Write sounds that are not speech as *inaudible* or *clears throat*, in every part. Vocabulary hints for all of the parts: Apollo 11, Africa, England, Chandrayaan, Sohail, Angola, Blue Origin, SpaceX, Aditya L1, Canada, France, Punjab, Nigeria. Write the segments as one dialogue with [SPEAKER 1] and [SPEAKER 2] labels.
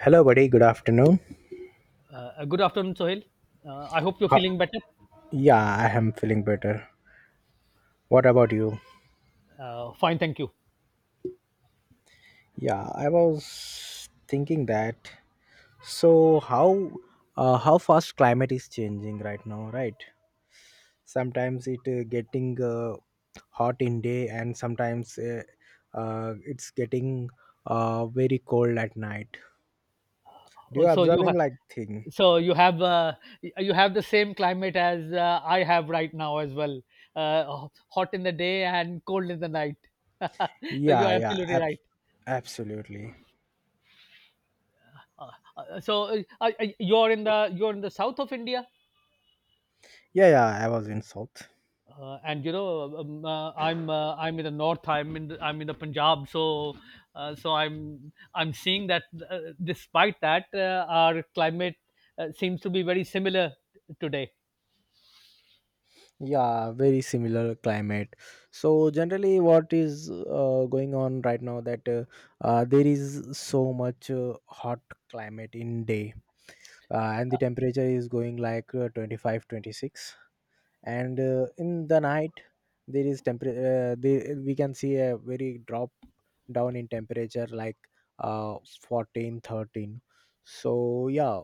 [SPEAKER 1] Hello, buddy. Good afternoon.
[SPEAKER 2] Good afternoon, Sohail. I hope you're
[SPEAKER 1] Ho-
[SPEAKER 2] feeling better.
[SPEAKER 1] yeah, I am feeling better. What about you?
[SPEAKER 2] Fine, thank you.
[SPEAKER 1] Yeah, I was thinking that. So how fast climate is changing right now, right? Sometimes it getting hot in day, and sometimes it's getting very cold at night. Do you
[SPEAKER 2] Oh, so
[SPEAKER 1] observing like thing?
[SPEAKER 2] so you have, uh, you have the same climate as I have right now as well. Hot in the day and cold in the night. *laughs* So you
[SPEAKER 1] Yeah,
[SPEAKER 2] are
[SPEAKER 1] yeah,
[SPEAKER 2] absolutely right.
[SPEAKER 1] absolutely.
[SPEAKER 2] Uh, uh, so you're in the you're in the south of India.
[SPEAKER 1] Yeah, yeah. I was in south.
[SPEAKER 2] And you know, I'm in the north. I'm in the Punjab. So, I'm seeing that despite that, our climate seems to be very similar today.
[SPEAKER 1] Yeah, very similar climate. So generally, what is going on right now, that there is so much hot climate in day, and the temperature is going like 25 26, and in the night there is temperature, we can see a very drop down in temperature like uh, 14, 13. So yeah,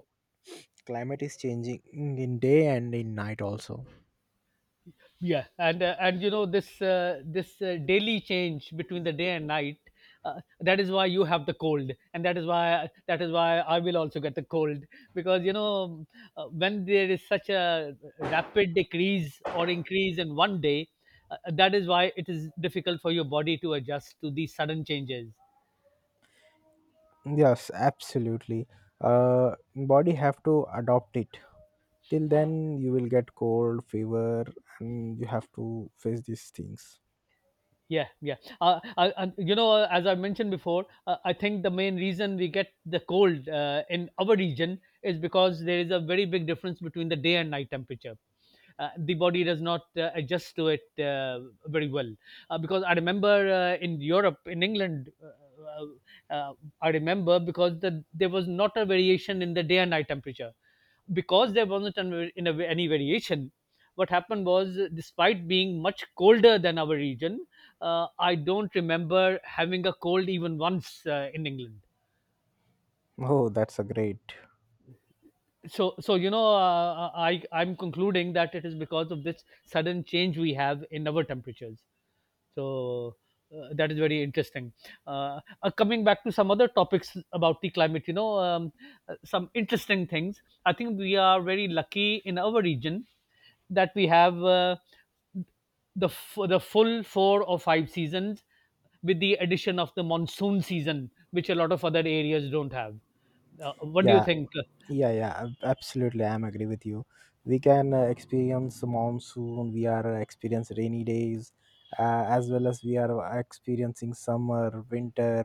[SPEAKER 1] climate is changing in day and in night also.
[SPEAKER 2] Yeah, and you know this, daily change between the day and night, that is why you have the cold and that is why I will also get the cold. Because you know, when there is such a rapid decrease or increase in one day, that is why it is difficult for your body to adjust to these sudden changes.
[SPEAKER 1] Yes, absolutely. Body have to adopt it. Till then, you will get cold, fever, and you have to face these things.
[SPEAKER 2] Yeah, yeah. And you know, as I mentioned before, I think the main reason we get the cold in our region is because there is a very big difference between the day and night temperature. The body does not adjust to it very well. Because I remember in Europe, in England, I remember there was not a variation in the day and night temperature. Because there wasn't any variation, what happened was, despite being much colder than our region, I don't remember having a cold even once in England.
[SPEAKER 1] Oh, that's a great.
[SPEAKER 2] So you know, I'm concluding that it is because of this sudden change we have in our temperatures. So, that is very interesting. Coming back to some other topics about the climate, you know, some interesting things, I think we are very lucky in our region that we have, the full four or five seasons, with the addition of the monsoon season, which a lot of other areas don't have. What do you
[SPEAKER 1] Yeah,
[SPEAKER 2] think?
[SPEAKER 1] yeah, yeah, absolutely, I'm agree with you. We can experience monsoon. We are experience rainy days, as well as we are experiencing summer, winter,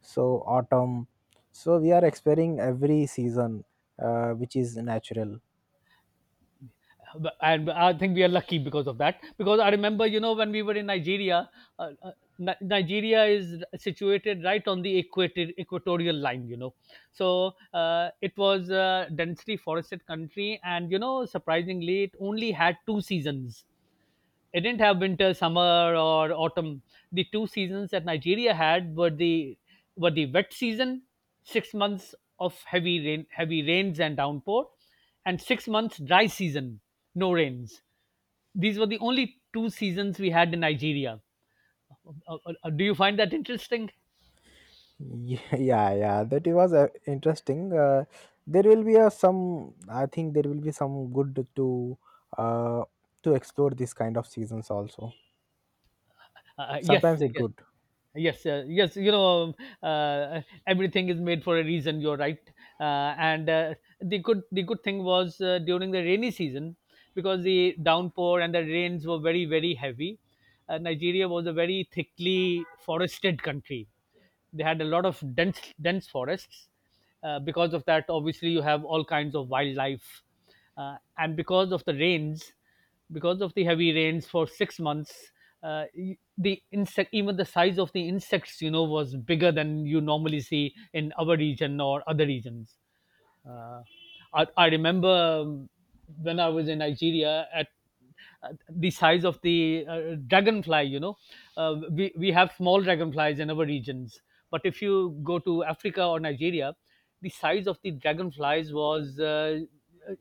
[SPEAKER 1] so autumn. So we are experiencing every season, which is natural.
[SPEAKER 2] And I think we are lucky because of that. Because I remember, you know, when we were in Nigeria, uh, uh, Nigeria is situated right on the equator, equatorial line, you know. So it was a densely forested country, and you know, surprisingly, it only had two seasons. It didn't have winter, summer, or autumn. The two seasons that Nigeria had were the wet season, 6 months of heavy rains and downpour, and 6 months dry season, no rains. These were the only two seasons we had in Nigeria. Do you find that interesting?
[SPEAKER 1] *laughs* Yeah, yeah, that it was interesting. There will be a some, I think there will be some good uh to explore this kind of seasons also.
[SPEAKER 2] Yes,
[SPEAKER 1] Sometimes it
[SPEAKER 2] yes.
[SPEAKER 1] good.
[SPEAKER 2] Yes, you know, uh, everything is made for a reason, you're right. And The good thing was, during the rainy season, because the downpour and the rains were very very heavy, Nigeria was a very thickly forested country. They had a lot of dense forests. Because of that, obviously you have all kinds of wildlife. And because of the rains, because of the heavy rains for 6 months, the insect, even the size of the insects, you know, was bigger than you normally see in our region or other regions. uh, I remember, when I was in Nigeria, at the size of the dragonfly, you know, we have small dragonflies in our regions. But if you go to Africa or Nigeria, the size of the dragonflies was uh,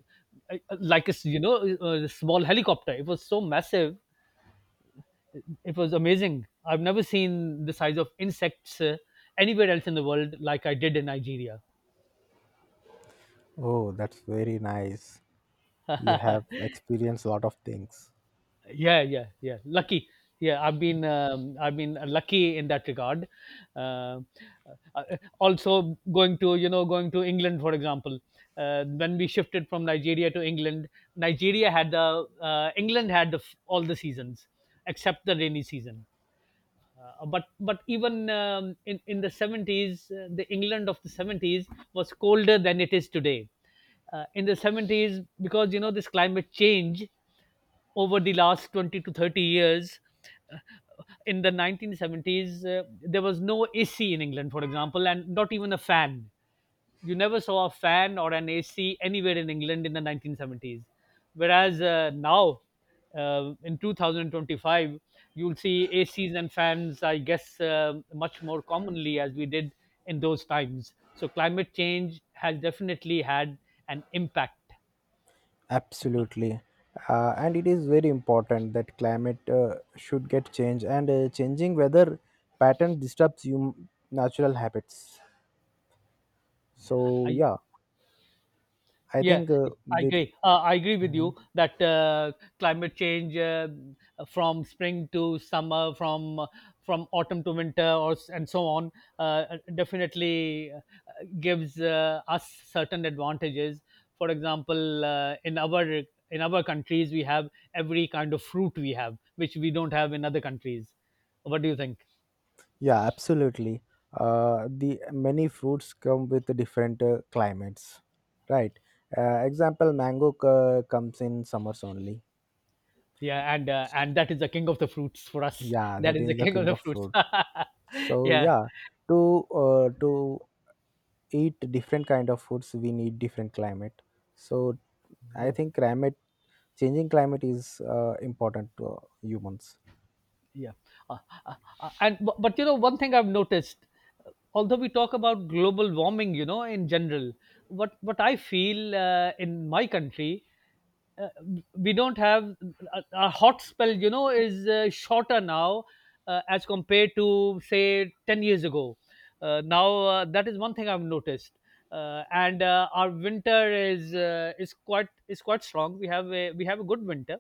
[SPEAKER 2] you know, a small helicopter. It was so massive. It was amazing. I've never seen the size of insects anywhere else in the world like I did in Nigeria.
[SPEAKER 1] Oh, that's very nice. You have
[SPEAKER 2] *laughs*
[SPEAKER 1] experienced a lot of things.
[SPEAKER 2] Yeah. Lucky. Yeah, I've been lucky in that regard. uh, uh, Also going to, you know, going to England, for example, when we shifted from Nigeria to England, nigeria had the England had all the seasons except the rainy season. Uh, but even In the 70s, the England of the 70s was colder than it is today. In the 70s, because you know this climate change over the last 20 to 30 years, uh, in the 1970s, there was no AC in England, for example, and not even a fan. You never saw a fan or an AC anywhere in England in the 1970s. Whereas now, in 2025, you'll see ACs and fans, I guess, much more commonly as we did in those times. So climate change has definitely had an impact.
[SPEAKER 1] Absolutely. And it is very important that climate should get changed, and changing weather pattern disturbs you natural habits. So yeah, I
[SPEAKER 2] Yeah,
[SPEAKER 1] think
[SPEAKER 2] I agree. I agree with you
[SPEAKER 1] Mhm.
[SPEAKER 2] that climate change, from spring to summer, from autumn to winter, and so on, uh, definitely gives us certain advantages. For example, in our countries, we have every kind of fruit we have, which we don't have in other countries. What do you think?
[SPEAKER 1] Yeah, absolutely. The many fruits come with different climates, right? Example, mango comes in summers only.
[SPEAKER 2] Yeah, and that is the king of the fruits for us.
[SPEAKER 1] Yeah,
[SPEAKER 2] That
[SPEAKER 1] that
[SPEAKER 2] is the
[SPEAKER 1] is the
[SPEAKER 2] king of
[SPEAKER 1] king
[SPEAKER 2] the
[SPEAKER 1] of
[SPEAKER 2] fruits.
[SPEAKER 1] fruit.
[SPEAKER 2] *laughs*
[SPEAKER 1] So
[SPEAKER 2] Yeah,
[SPEAKER 1] yeah, to to eat different kind of foods, we need different climate. So I
[SPEAKER 2] yeah.
[SPEAKER 1] think climate, changing climate is important to humans.
[SPEAKER 2] Yeah. Uh, uh, but you know, one thing I've noticed, although we talk about global warming, you know, in general, what I feel, in my country, uh, we don't have a hot spell, you know, is shorter now, as compared to say 10 years ago. Now That is one thing I've noticed. And Our winter is, is quite strong. We have a, good winter.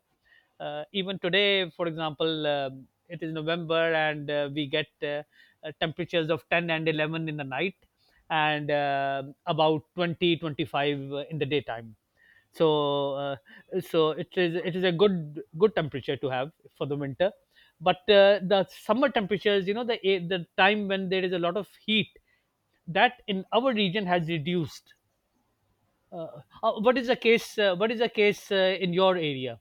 [SPEAKER 2] Even today, for example, it is November, and we get temperatures of 10 and 11 in the night, and about twenty twenty five 25 in the daytime. So, uh, it is a good temperature to have for the winter. But the summer temperatures, you know, the time when there is a lot of heat, that in our region has reduced. What is the case in your area?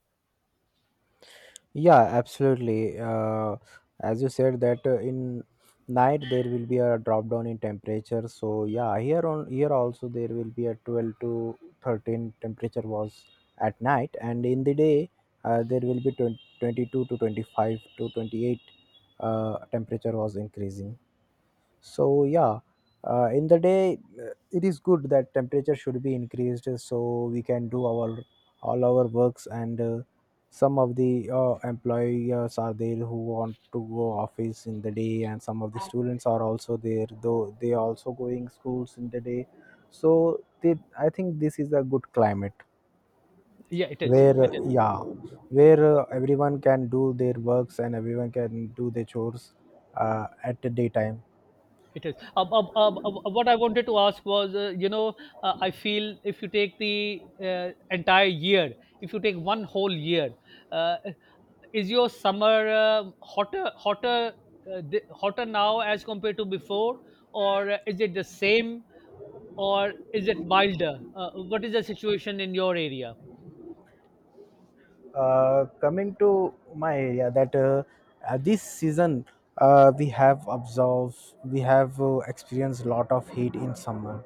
[SPEAKER 1] Yeah, absolutely. As you said that in night there will be a drop down in temperature. So yeah, here on here also there will be a 12 to 13 temperature was at night, and in the day there will be 20 22 to 25 to 28 temperature was increasing. So yeah, in the day, it is good that temperature should be increased, so we can do our all our works, and some of the employers are there who want to go office in the day, and some of the students are also there though they also going schools in the day. So they, I think this is a good climate
[SPEAKER 2] Yeah,
[SPEAKER 1] where
[SPEAKER 2] it is.
[SPEAKER 1] yeah, where everyone can do their works and everyone can do their chores at the daytime.
[SPEAKER 2] It is. What I wanted to ask was, you know, I feel if you take the entire year, if you take one whole year, uh, is your summer hotter, hotter now as compared to before, or is it the same, or is it milder? What is the situation in your area?
[SPEAKER 1] Coming to my area, that this season, we have observed, we have experienced a lot of heat in summer.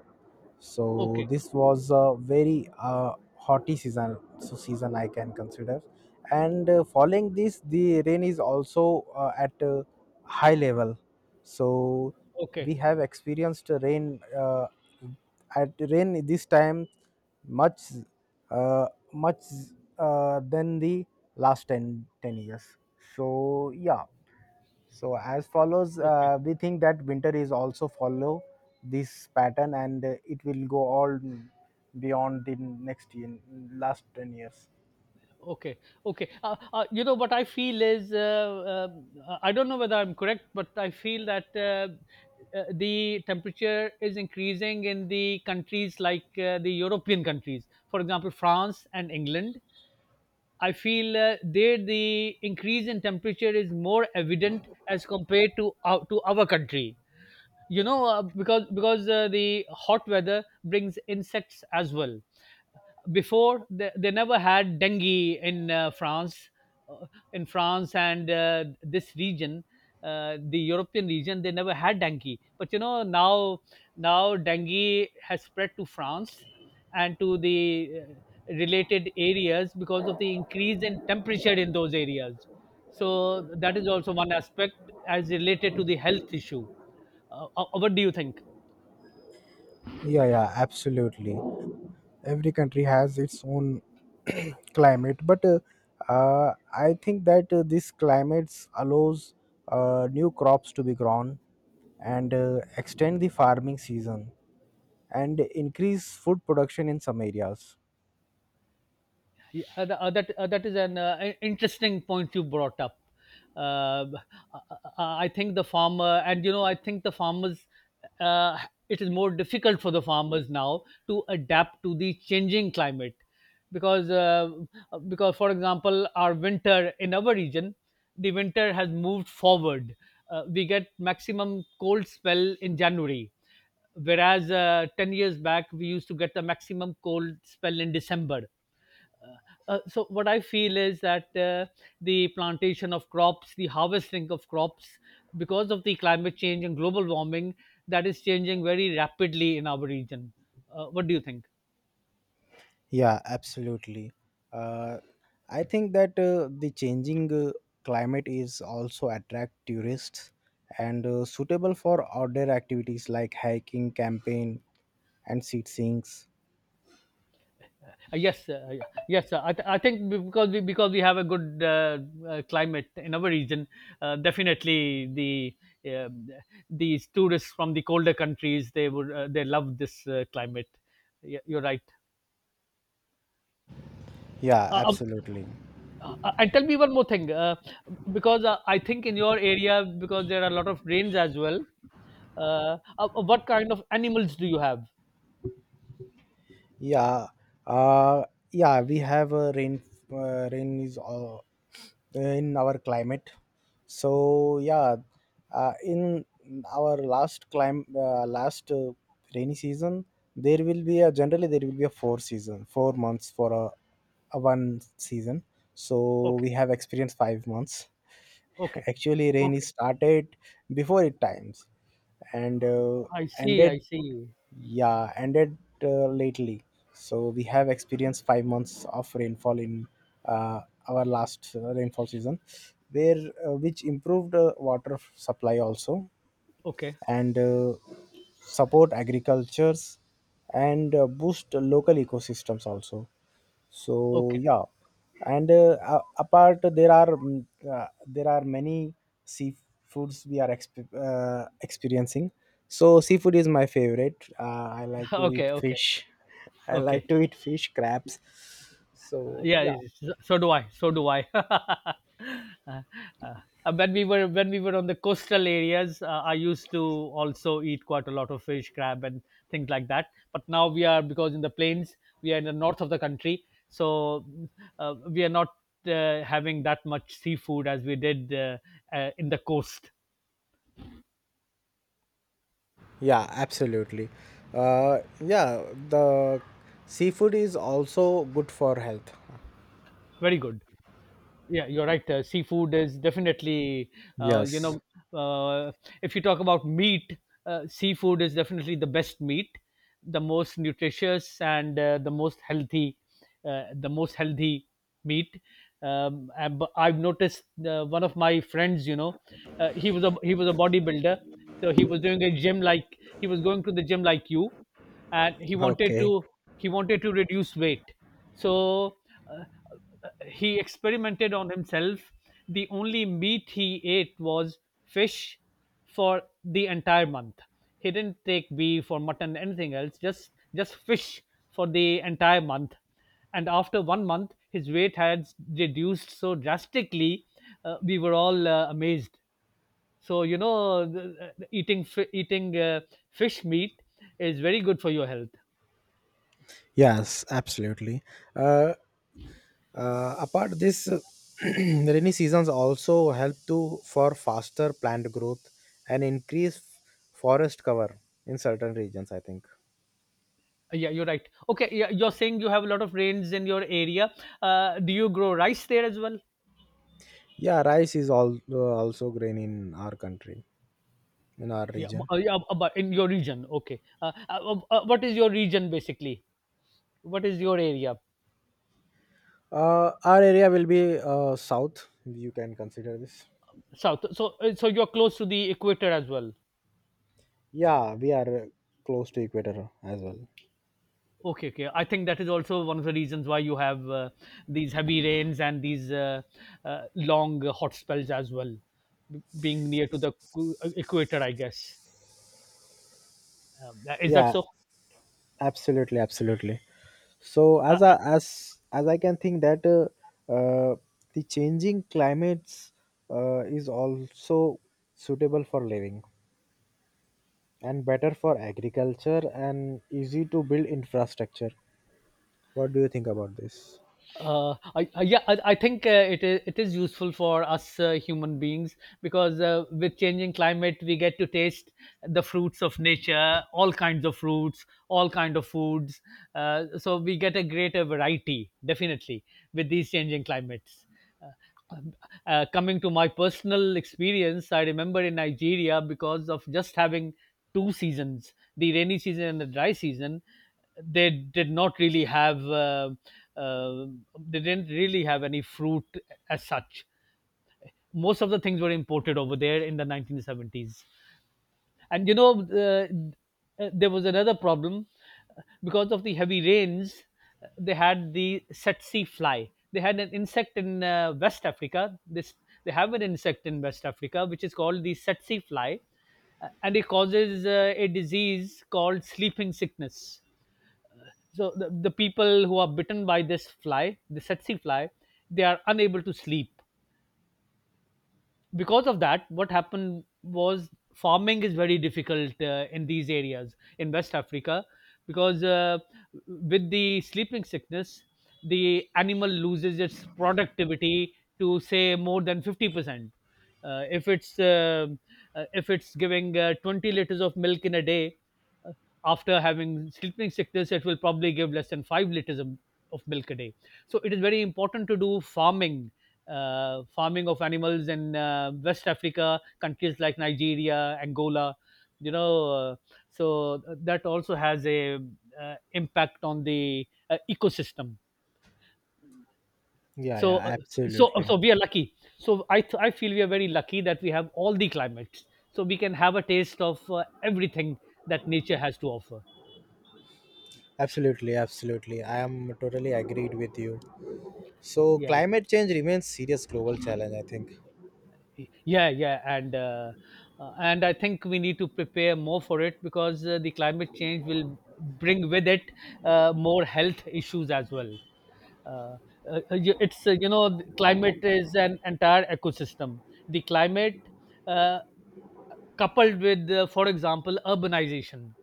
[SPEAKER 1] So
[SPEAKER 2] Okay,
[SPEAKER 1] this was a very hotty season, so season I can consider. And following this, the rain is also at a high level. So we
[SPEAKER 2] okay,
[SPEAKER 1] have experienced rain at rain this time much, uh, much than the last 10 10 years. So yeah, so as follows,
[SPEAKER 2] okay,
[SPEAKER 1] we think that winter is also follow this pattern, and it will go all beyond the next year, last 10 years.
[SPEAKER 2] Okay, okay. You know what I feel is, I don't know whether I'm correct, but I feel that, the temperature is increasing in the countries like the European countries, for example, France and England. I feel there the increase in temperature is more evident as compared to to our country. You know, because the hot weather brings insects as well. Before they never had dengue in France, uh, in france and this region, the European region. They never had dengue, but you know, now dengue has spread to France and to the related areas because of the increase in temperature in those areas. So that is also one aspect as related to the health issue. What do you think?
[SPEAKER 1] Yeah, yeah, absolutely. Every country has its own *clears throat* climate, but I think that this climates allows new crops to be grown, and extend the farming season and increase food production in some areas.
[SPEAKER 2] Yeah, that, that is an interesting point you brought up. Um, I think the farmer, and you know, I think the farmers. Uh, it is more difficult for the farmers now to adapt to the changing climate, because because, for example, our winter in our region, the winter has moved forward. We get maximum cold spell in January, whereas 10 years back we used to get the maximum cold spell in December. So what I feel is that, the plantation of crops, the harvesting of crops, because of the climate change and global warming, that is changing very rapidly in our region. What do you think?
[SPEAKER 1] Yeah, absolutely. Uh, I think that the changing climate is also attract tourists and suitable for outdoor activities like hiking, camping, and sightseeing.
[SPEAKER 2] Yes yeah. Yes, sir. I think because we have a good, climate in our region, definitely the, uh, these tourists from the colder countries, they would, they love this climate. Yeah, you're right.
[SPEAKER 1] Yeah,
[SPEAKER 2] uh, um,
[SPEAKER 1] absolutely.
[SPEAKER 2] And tell me one more thing, because I think in your area, because there are a lot of rains as well. What kind of animals do you have?
[SPEAKER 1] Yeah, uh, yeah, we have rain. Rain is in our climate. So yeah, in our last climb, last rainy season, there will be a generally there will be a four season, 4 months for a one season. So
[SPEAKER 2] Okay,
[SPEAKER 1] we have experienced 5 months.
[SPEAKER 2] okay,
[SPEAKER 1] *laughs* Actually, rain is
[SPEAKER 2] okay.
[SPEAKER 1] started before it times and
[SPEAKER 2] I see,
[SPEAKER 1] ended,
[SPEAKER 2] I see.
[SPEAKER 1] yeah, ended lately. So we have experienced 5 months of rainfall in uh, our last rainfall season, where which improved water supply also,
[SPEAKER 2] Okay,
[SPEAKER 1] and support agricultures, and boost local ecosystems also. So
[SPEAKER 2] okay,
[SPEAKER 1] yeah, and apart there are there are many seafoods we are experiencing. So seafood is my favorite. I like
[SPEAKER 2] *laughs*
[SPEAKER 1] to eat
[SPEAKER 2] okay, okay,
[SPEAKER 1] fish. *laughs* I like
[SPEAKER 2] okay.
[SPEAKER 1] to eat fish, crabs. So
[SPEAKER 2] yeah
[SPEAKER 1] yeah.
[SPEAKER 2] it's- so so do I *laughs* Uh, when we were on the coastal areas, I used to also eat quite a lot of fish, crab and things like that, but now we are, because in the plains we are in the north of the country, so we are not having that much seafood as we did, in the coast.
[SPEAKER 1] Yeah, absolutely. Yeah, the seafood is also good for health.
[SPEAKER 2] Very good. Yeah, you're right. Seafood is definitely, uh, you know,
[SPEAKER 1] Yes.
[SPEAKER 2] uh, if you talk about meat, seafood is definitely the best meat, the most nutritious and the most healthy meat. And I've noticed, one of my friends, you know, he was a bodybuilder, so he was doing a gym, like he was going to the gym like you, and he wanted
[SPEAKER 1] Okay.
[SPEAKER 2] to, he wanted to reduce weight. So. Uh, he experimented on himself. The only meat he ate was fish for the entire month. He didn't take beef or mutton, anything else, just fish for the entire month. And after 1 month, his weight had reduced so drastically. We were all amazed. So you know, eating fish meat is very good for your health.
[SPEAKER 1] Yes, absolutely. Uh, apart this, *clears throat* rainy seasons also help to for faster plant growth and increase forest cover in certain regions, I think.
[SPEAKER 2] Yeah, you're right. Okay, yeah, you're saying you have a lot of rains in your area. Do you grow rice there as well?
[SPEAKER 1] Yeah, rice is all, also grain in our country, in our
[SPEAKER 2] Yeah, b-
[SPEAKER 1] region.
[SPEAKER 2] uh, yeah, b- but in your region. Okay. What is your region, basically? What is your area?
[SPEAKER 1] Our area will be south. You can consider this.
[SPEAKER 2] South. So, so you're close to the equator as well.
[SPEAKER 1] Yeah, we are close to equator as well.
[SPEAKER 2] Okay, okay. I think that is also one of the reasons why you have, these heavy rains and these, long hot spells as well, being near to the equator, I guess. Is that
[SPEAKER 1] Yeah,
[SPEAKER 2] so?
[SPEAKER 1] absolutely, absolutely. So
[SPEAKER 2] Uh,
[SPEAKER 1] as I can think that uh, the changing climates is also suitable for living and better for agriculture and easy to build infrastructure. What do you think about this?
[SPEAKER 2] Yeah, I think it is useful for us, human beings, because with changing climate, we get to taste the fruits of nature, all kinds of fruits, all kind of foods. So we get a greater variety, definitely, with these changing climates. Uh, um, Coming to my personal experience, I remember in Nigeria, because of just having two seasons, the rainy season and the dry season, they did not really have, uh, they didn't really have any fruit as such. Most of the things were imported over there in the 1970s. And you know, there was another problem. Because of the heavy rains, they had the tsetse fly, they had an insect in West Africa, this they have an insect in West Africa which is called the tsetse fly, and it causes a disease called sleeping sickness. So the people who are bitten by this fly, the tsetse fly, they are unable to sleep. Because of that, what happened was, farming is very difficult, in these areas in West Africa, because, with the sleeping sickness, the animal loses its productivity, to say, more than 50%. Uh, if it's, if it's giving 20 liters of milk in a day, uh, after having sleeping sickness, it will probably give less than 5 liters of milk a day. So it is very important to do farming, farming of animals in West Africa, countries like Nigeria, Angola. You know, so that also has a, impact on the, ecosystem.
[SPEAKER 1] Yeah,
[SPEAKER 2] So, uh,
[SPEAKER 1] yeah,
[SPEAKER 2] so,
[SPEAKER 1] absolutely.
[SPEAKER 2] so we are lucky. I feel we are very lucky that we have all the climates. So we can have a taste of everything that nature has to offer.
[SPEAKER 1] Absolutely, absolutely. I am totally agreed with you. So
[SPEAKER 2] Yeah.
[SPEAKER 1] climate change remains serious global challenge, I think.
[SPEAKER 2] Yeah, yeah, and I think we need to prepare more for it, because the climate change will bring with it more health issues as well. Uh, you- it's You know, the climate is an entire ecosystem. The climate uh, coupled with, for example, urbanization,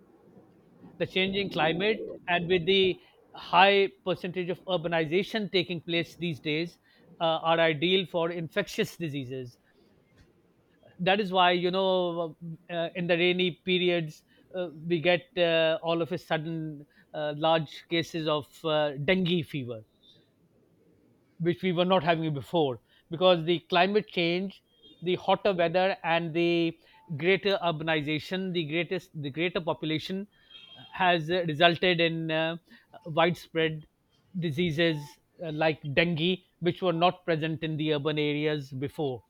[SPEAKER 2] the changing climate, and with the high percentage of urbanization taking place these days, are ideal for infectious diseases. That is why, you know, in the rainy periods, we get all of a sudden large cases of dengue fever, which we were not having before. Because the climate change, the hotter weather, and the greater urbanization, the greater population, has resulted in widespread diseases like dengue, which were not present in the urban areas before.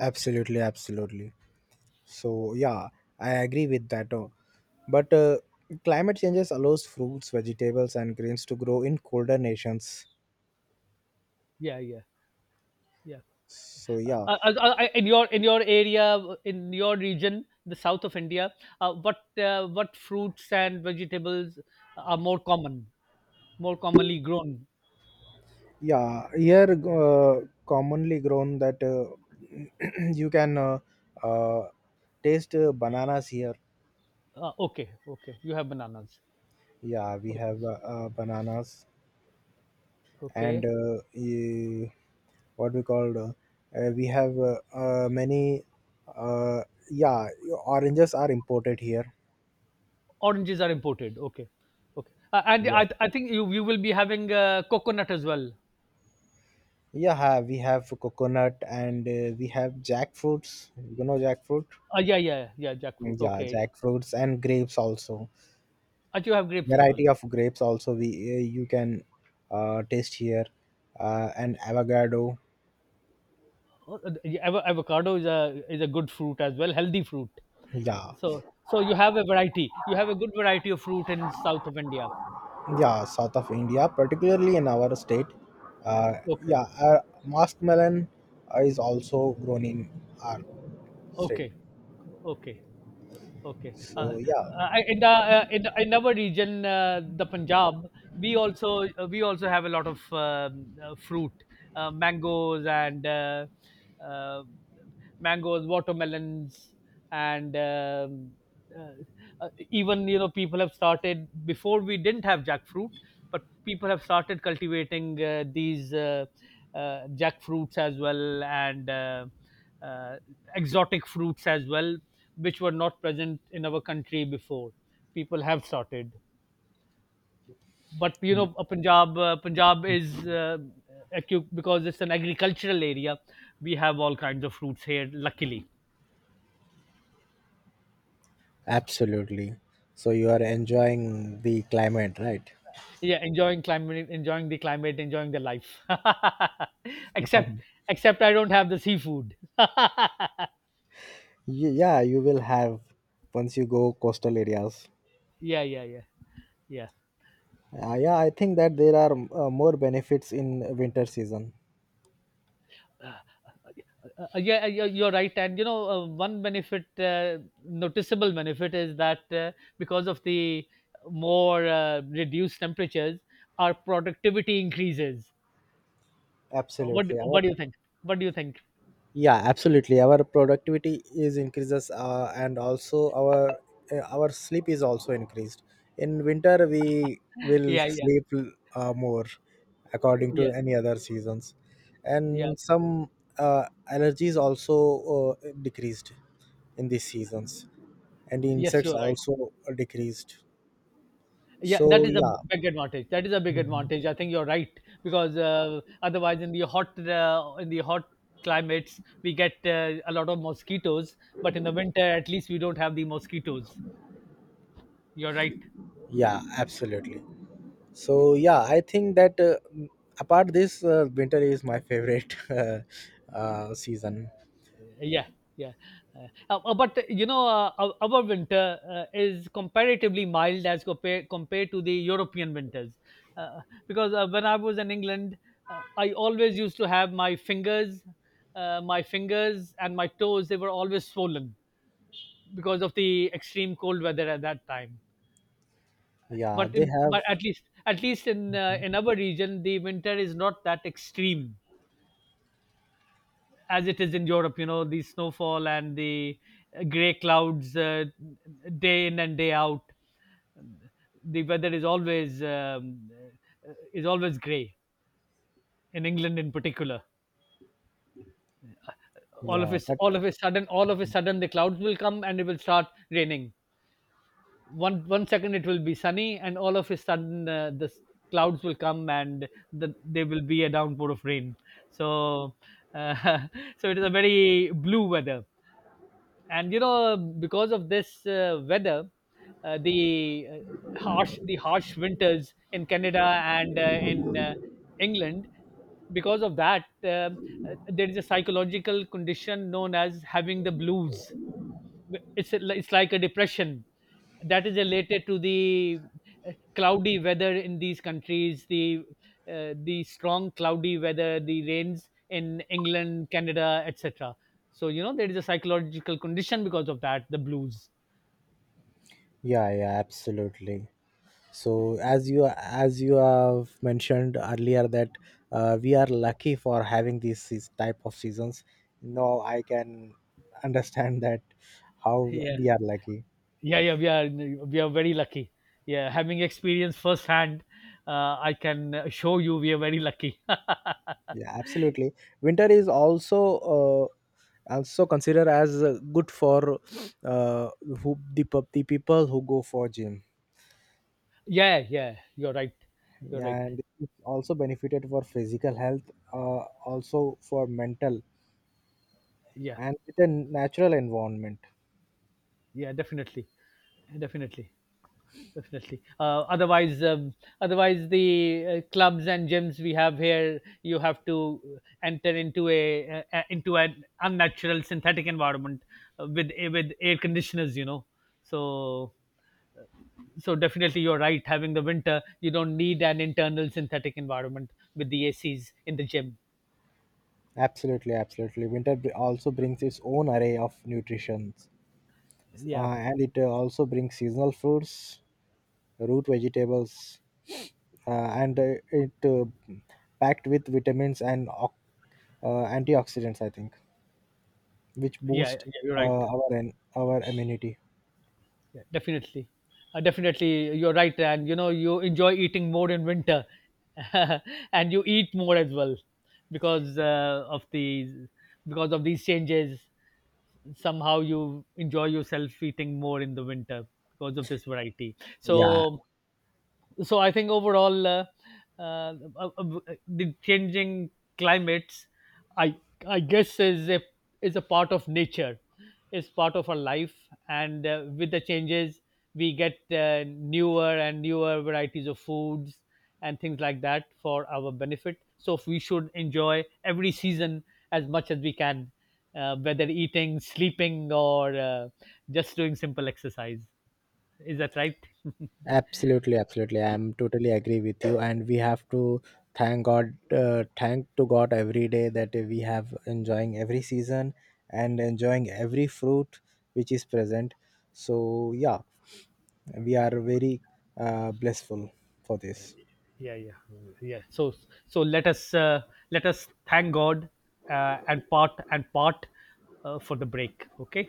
[SPEAKER 1] Absolutely, absolutely. So yeah, I agree with that. But climate changes allows fruits, vegetables, and grains to grow in colder nations.
[SPEAKER 2] Yeah, yeah, yeah.
[SPEAKER 1] So yeah,
[SPEAKER 2] In your area, in your region, the south of India, what fruits and vegetables are more common, more commonly grown?
[SPEAKER 1] yeah. Here, commonly grown that *clears throat* you can uh, taste bananas here.
[SPEAKER 2] Okay, okay, you have bananas.
[SPEAKER 1] Yeah, we
[SPEAKER 2] Okay,
[SPEAKER 1] have bananas and
[SPEAKER 2] okay.
[SPEAKER 1] what we called. We have many. Uh, yeah, oranges are imported here.
[SPEAKER 2] Oranges are imported. Okay, okay. And
[SPEAKER 1] Yeah.
[SPEAKER 2] I think you, you will be having coconut as well.
[SPEAKER 1] Yeah, we have coconut, and we have jackfruits. You know jackfruit?
[SPEAKER 2] Yeah, yeah. Jackfruit.
[SPEAKER 1] Yeah,
[SPEAKER 2] Okay.
[SPEAKER 1] jackfruits and grapes also.
[SPEAKER 2] And you have grapes as well.
[SPEAKER 1] Variety of grapes also we you can taste here, and avocado.
[SPEAKER 2] Oh, yeah, avocado is a, is a good fruit as well, healthy fruit.
[SPEAKER 1] Yeah,
[SPEAKER 2] So, so you have a variety. You have a good variety of fruit in south of India.
[SPEAKER 1] yeah, south of India, particularly in our state. Uh, yeah,
[SPEAKER 2] Okay.
[SPEAKER 1] uh, muskmelon is also grown in our state.
[SPEAKER 2] Okay. Okay. Okay. Uh,
[SPEAKER 1] So yeah,
[SPEAKER 2] uh, in the uh, in, in our region, the Punjab, we also, we also have a lot of fruit, uh, mangoes and uh, uh, mangoes, watermelons, and even, you know, people have started, before we didn't have jackfruit, but people have started cultivating these jackfruits as well. And. Uh, Exotic fruits as well, which were not present in our country before. People have started, but you know, Punjab, Punjab is, because it's an agricultural area. We have all kinds of fruits here, luckily.
[SPEAKER 1] absolutely. So you are enjoying the climate, right?
[SPEAKER 2] Yeah, enjoying climate, enjoying the life. *laughs* Except,
[SPEAKER 1] *laughs*
[SPEAKER 2] except I don't have the seafood. *laughs* Yeah,
[SPEAKER 1] Yeah, you will have once you go coastal areas.
[SPEAKER 2] yeah, yeah, yeah.
[SPEAKER 1] Yeah, I think that there are more benefits in winter season.
[SPEAKER 2] Yeah, you're right, and you know, one benefit, noticeable benefit, is that because of the more, reduced temperatures, our productivity increases.
[SPEAKER 1] Absolutely
[SPEAKER 2] What
[SPEAKER 1] our
[SPEAKER 2] do you think? What do you think?
[SPEAKER 1] Yeah, absolutely, our productivity is increases, and also our sleep is also increased. In winter, we will
[SPEAKER 2] Yeah, yeah,
[SPEAKER 1] sleep more according to
[SPEAKER 2] yeah,
[SPEAKER 1] any other seasons,
[SPEAKER 2] yeah.
[SPEAKER 1] and some uh, allergies also decreased in these seasons, and
[SPEAKER 2] Yes,
[SPEAKER 1] insects
[SPEAKER 2] you're right.
[SPEAKER 1] also decreased.
[SPEAKER 2] Yeah, that
[SPEAKER 1] So
[SPEAKER 2] is a
[SPEAKER 1] yeah.
[SPEAKER 2] big advantage. That is a big
[SPEAKER 1] Mhm.
[SPEAKER 2] advantage. I think you're right, because otherwise, in the hot, in the hot climates, we get a lot of mosquitoes. But in the winter, at least we don't have the mosquitoes. You're right.
[SPEAKER 1] Yeah, absolutely. So yeah, I think that apart this, winter is my favorite *laughs* season.
[SPEAKER 2] Yeah, yeah. But You know, our winter, is comparatively mild as compared to the European winters, uh, because when I was in England, I always used to have my fingers and my toes. They were always swollen because of the extreme cold weather at that time.
[SPEAKER 1] Yeah,
[SPEAKER 2] But
[SPEAKER 1] they
[SPEAKER 2] in,
[SPEAKER 1] have.
[SPEAKER 2] but at least, at least
[SPEAKER 1] Mhm.
[SPEAKER 2] in our region, the winter is not that extreme, as it is in Europe. You know, the snowfall and the gray clouds day in and day out. um, The weather is always gray in England, in particular.
[SPEAKER 1] Yeah, but
[SPEAKER 2] All of a sudden, all of a sudden, the clouds will come and it will start raining. One, one second it will be sunny, and all of a sudden the clouds will come and there will be a downpour of rain. So uh, *laughs* so it is a very blue weather. And you know, because of this weather, uh, the uh, the harsh winters in Canada and in England, because of that, there is a psychological condition known as having the blues. It's like a depression that is related to the cloudy weather in these countries, the strong cloudy weather, the rains in England, Canada, etc. So you know, there is a psychological condition because of that, the blues.
[SPEAKER 1] yeah, yeah, absolutely. So as you have mentioned earlier that we are lucky for having these type of seasons. Now I can understand that how we
[SPEAKER 2] *laughs*
[SPEAKER 1] are lucky.
[SPEAKER 2] Yeah, yeah, yeah. We are, we are very lucky. Yeah, having experienced firsthand, I can show you we are very lucky.
[SPEAKER 1] Yeah, absolutely. Winter is also also consider as good for uh, the people who go for gym,
[SPEAKER 2] *laughs* Yeah, yeah. You're right. You're right.
[SPEAKER 1] and it's also benefited for physical health, also for mental,
[SPEAKER 2] Yeah,
[SPEAKER 1] and it's a natural environment.
[SPEAKER 2] yeah. Definitely, definitely. Definitely. Otherwise, otherwise the clubs and gyms we have here, you have to enter into a, into an unnatural synthetic environment with, with air conditioners. You know, so, so definitely you're right. Having the winter, you don't need an internal synthetic environment with the ACs in the gym.
[SPEAKER 1] Absolutely, absolutely. Winter also brings its own array of nutritions,
[SPEAKER 2] Yeah,
[SPEAKER 1] and it also brings seasonal fruits, root vegetables, and it packed with vitamins and antioxidants, I think, which
[SPEAKER 2] yeah, yeah,
[SPEAKER 1] boost
[SPEAKER 2] you're
[SPEAKER 1] uh,
[SPEAKER 2] right.
[SPEAKER 1] our immunity.
[SPEAKER 2] Yeah, definitely. Definitely, you're right. And you know, you enjoy eating more in winter, *laughs* and you eat more as well, because of the because of these changes. Somehow, you enjoy yourself eating more in the winter because of this variety.
[SPEAKER 1] Yeah,
[SPEAKER 2] So, so I think overall, uh, uh, uh, the changing climates, i I guess, is a, is a part of nature, is part of our life, and with the changes we get newer and newer varieties of foods and things like that for our benefit. So if we should enjoy every season as much as we can, whether eating, sleeping, or just doing simple exercise. Is that right?
[SPEAKER 1] absolutely, absolutely. I'm totally agree with you, and we have to thank God, thank to God every day that we have enjoying every season and enjoying every fruit which is present. So yeah, we are very blissful for this.
[SPEAKER 2] Yeah, yeah, mm, yeah. So, so let us, let us thank God, and part, and part, for the break. Okay.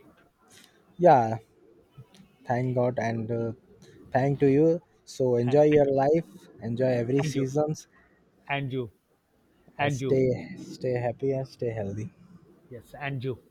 [SPEAKER 1] Yeah, thank God and thank to you. So enjoy
[SPEAKER 2] Thank
[SPEAKER 1] your
[SPEAKER 2] you,
[SPEAKER 1] life, enjoy every
[SPEAKER 2] and you,
[SPEAKER 1] seasons,
[SPEAKER 2] and you,
[SPEAKER 1] and
[SPEAKER 2] and you.
[SPEAKER 1] stay happy and stay healthy.
[SPEAKER 2] Yes, and you.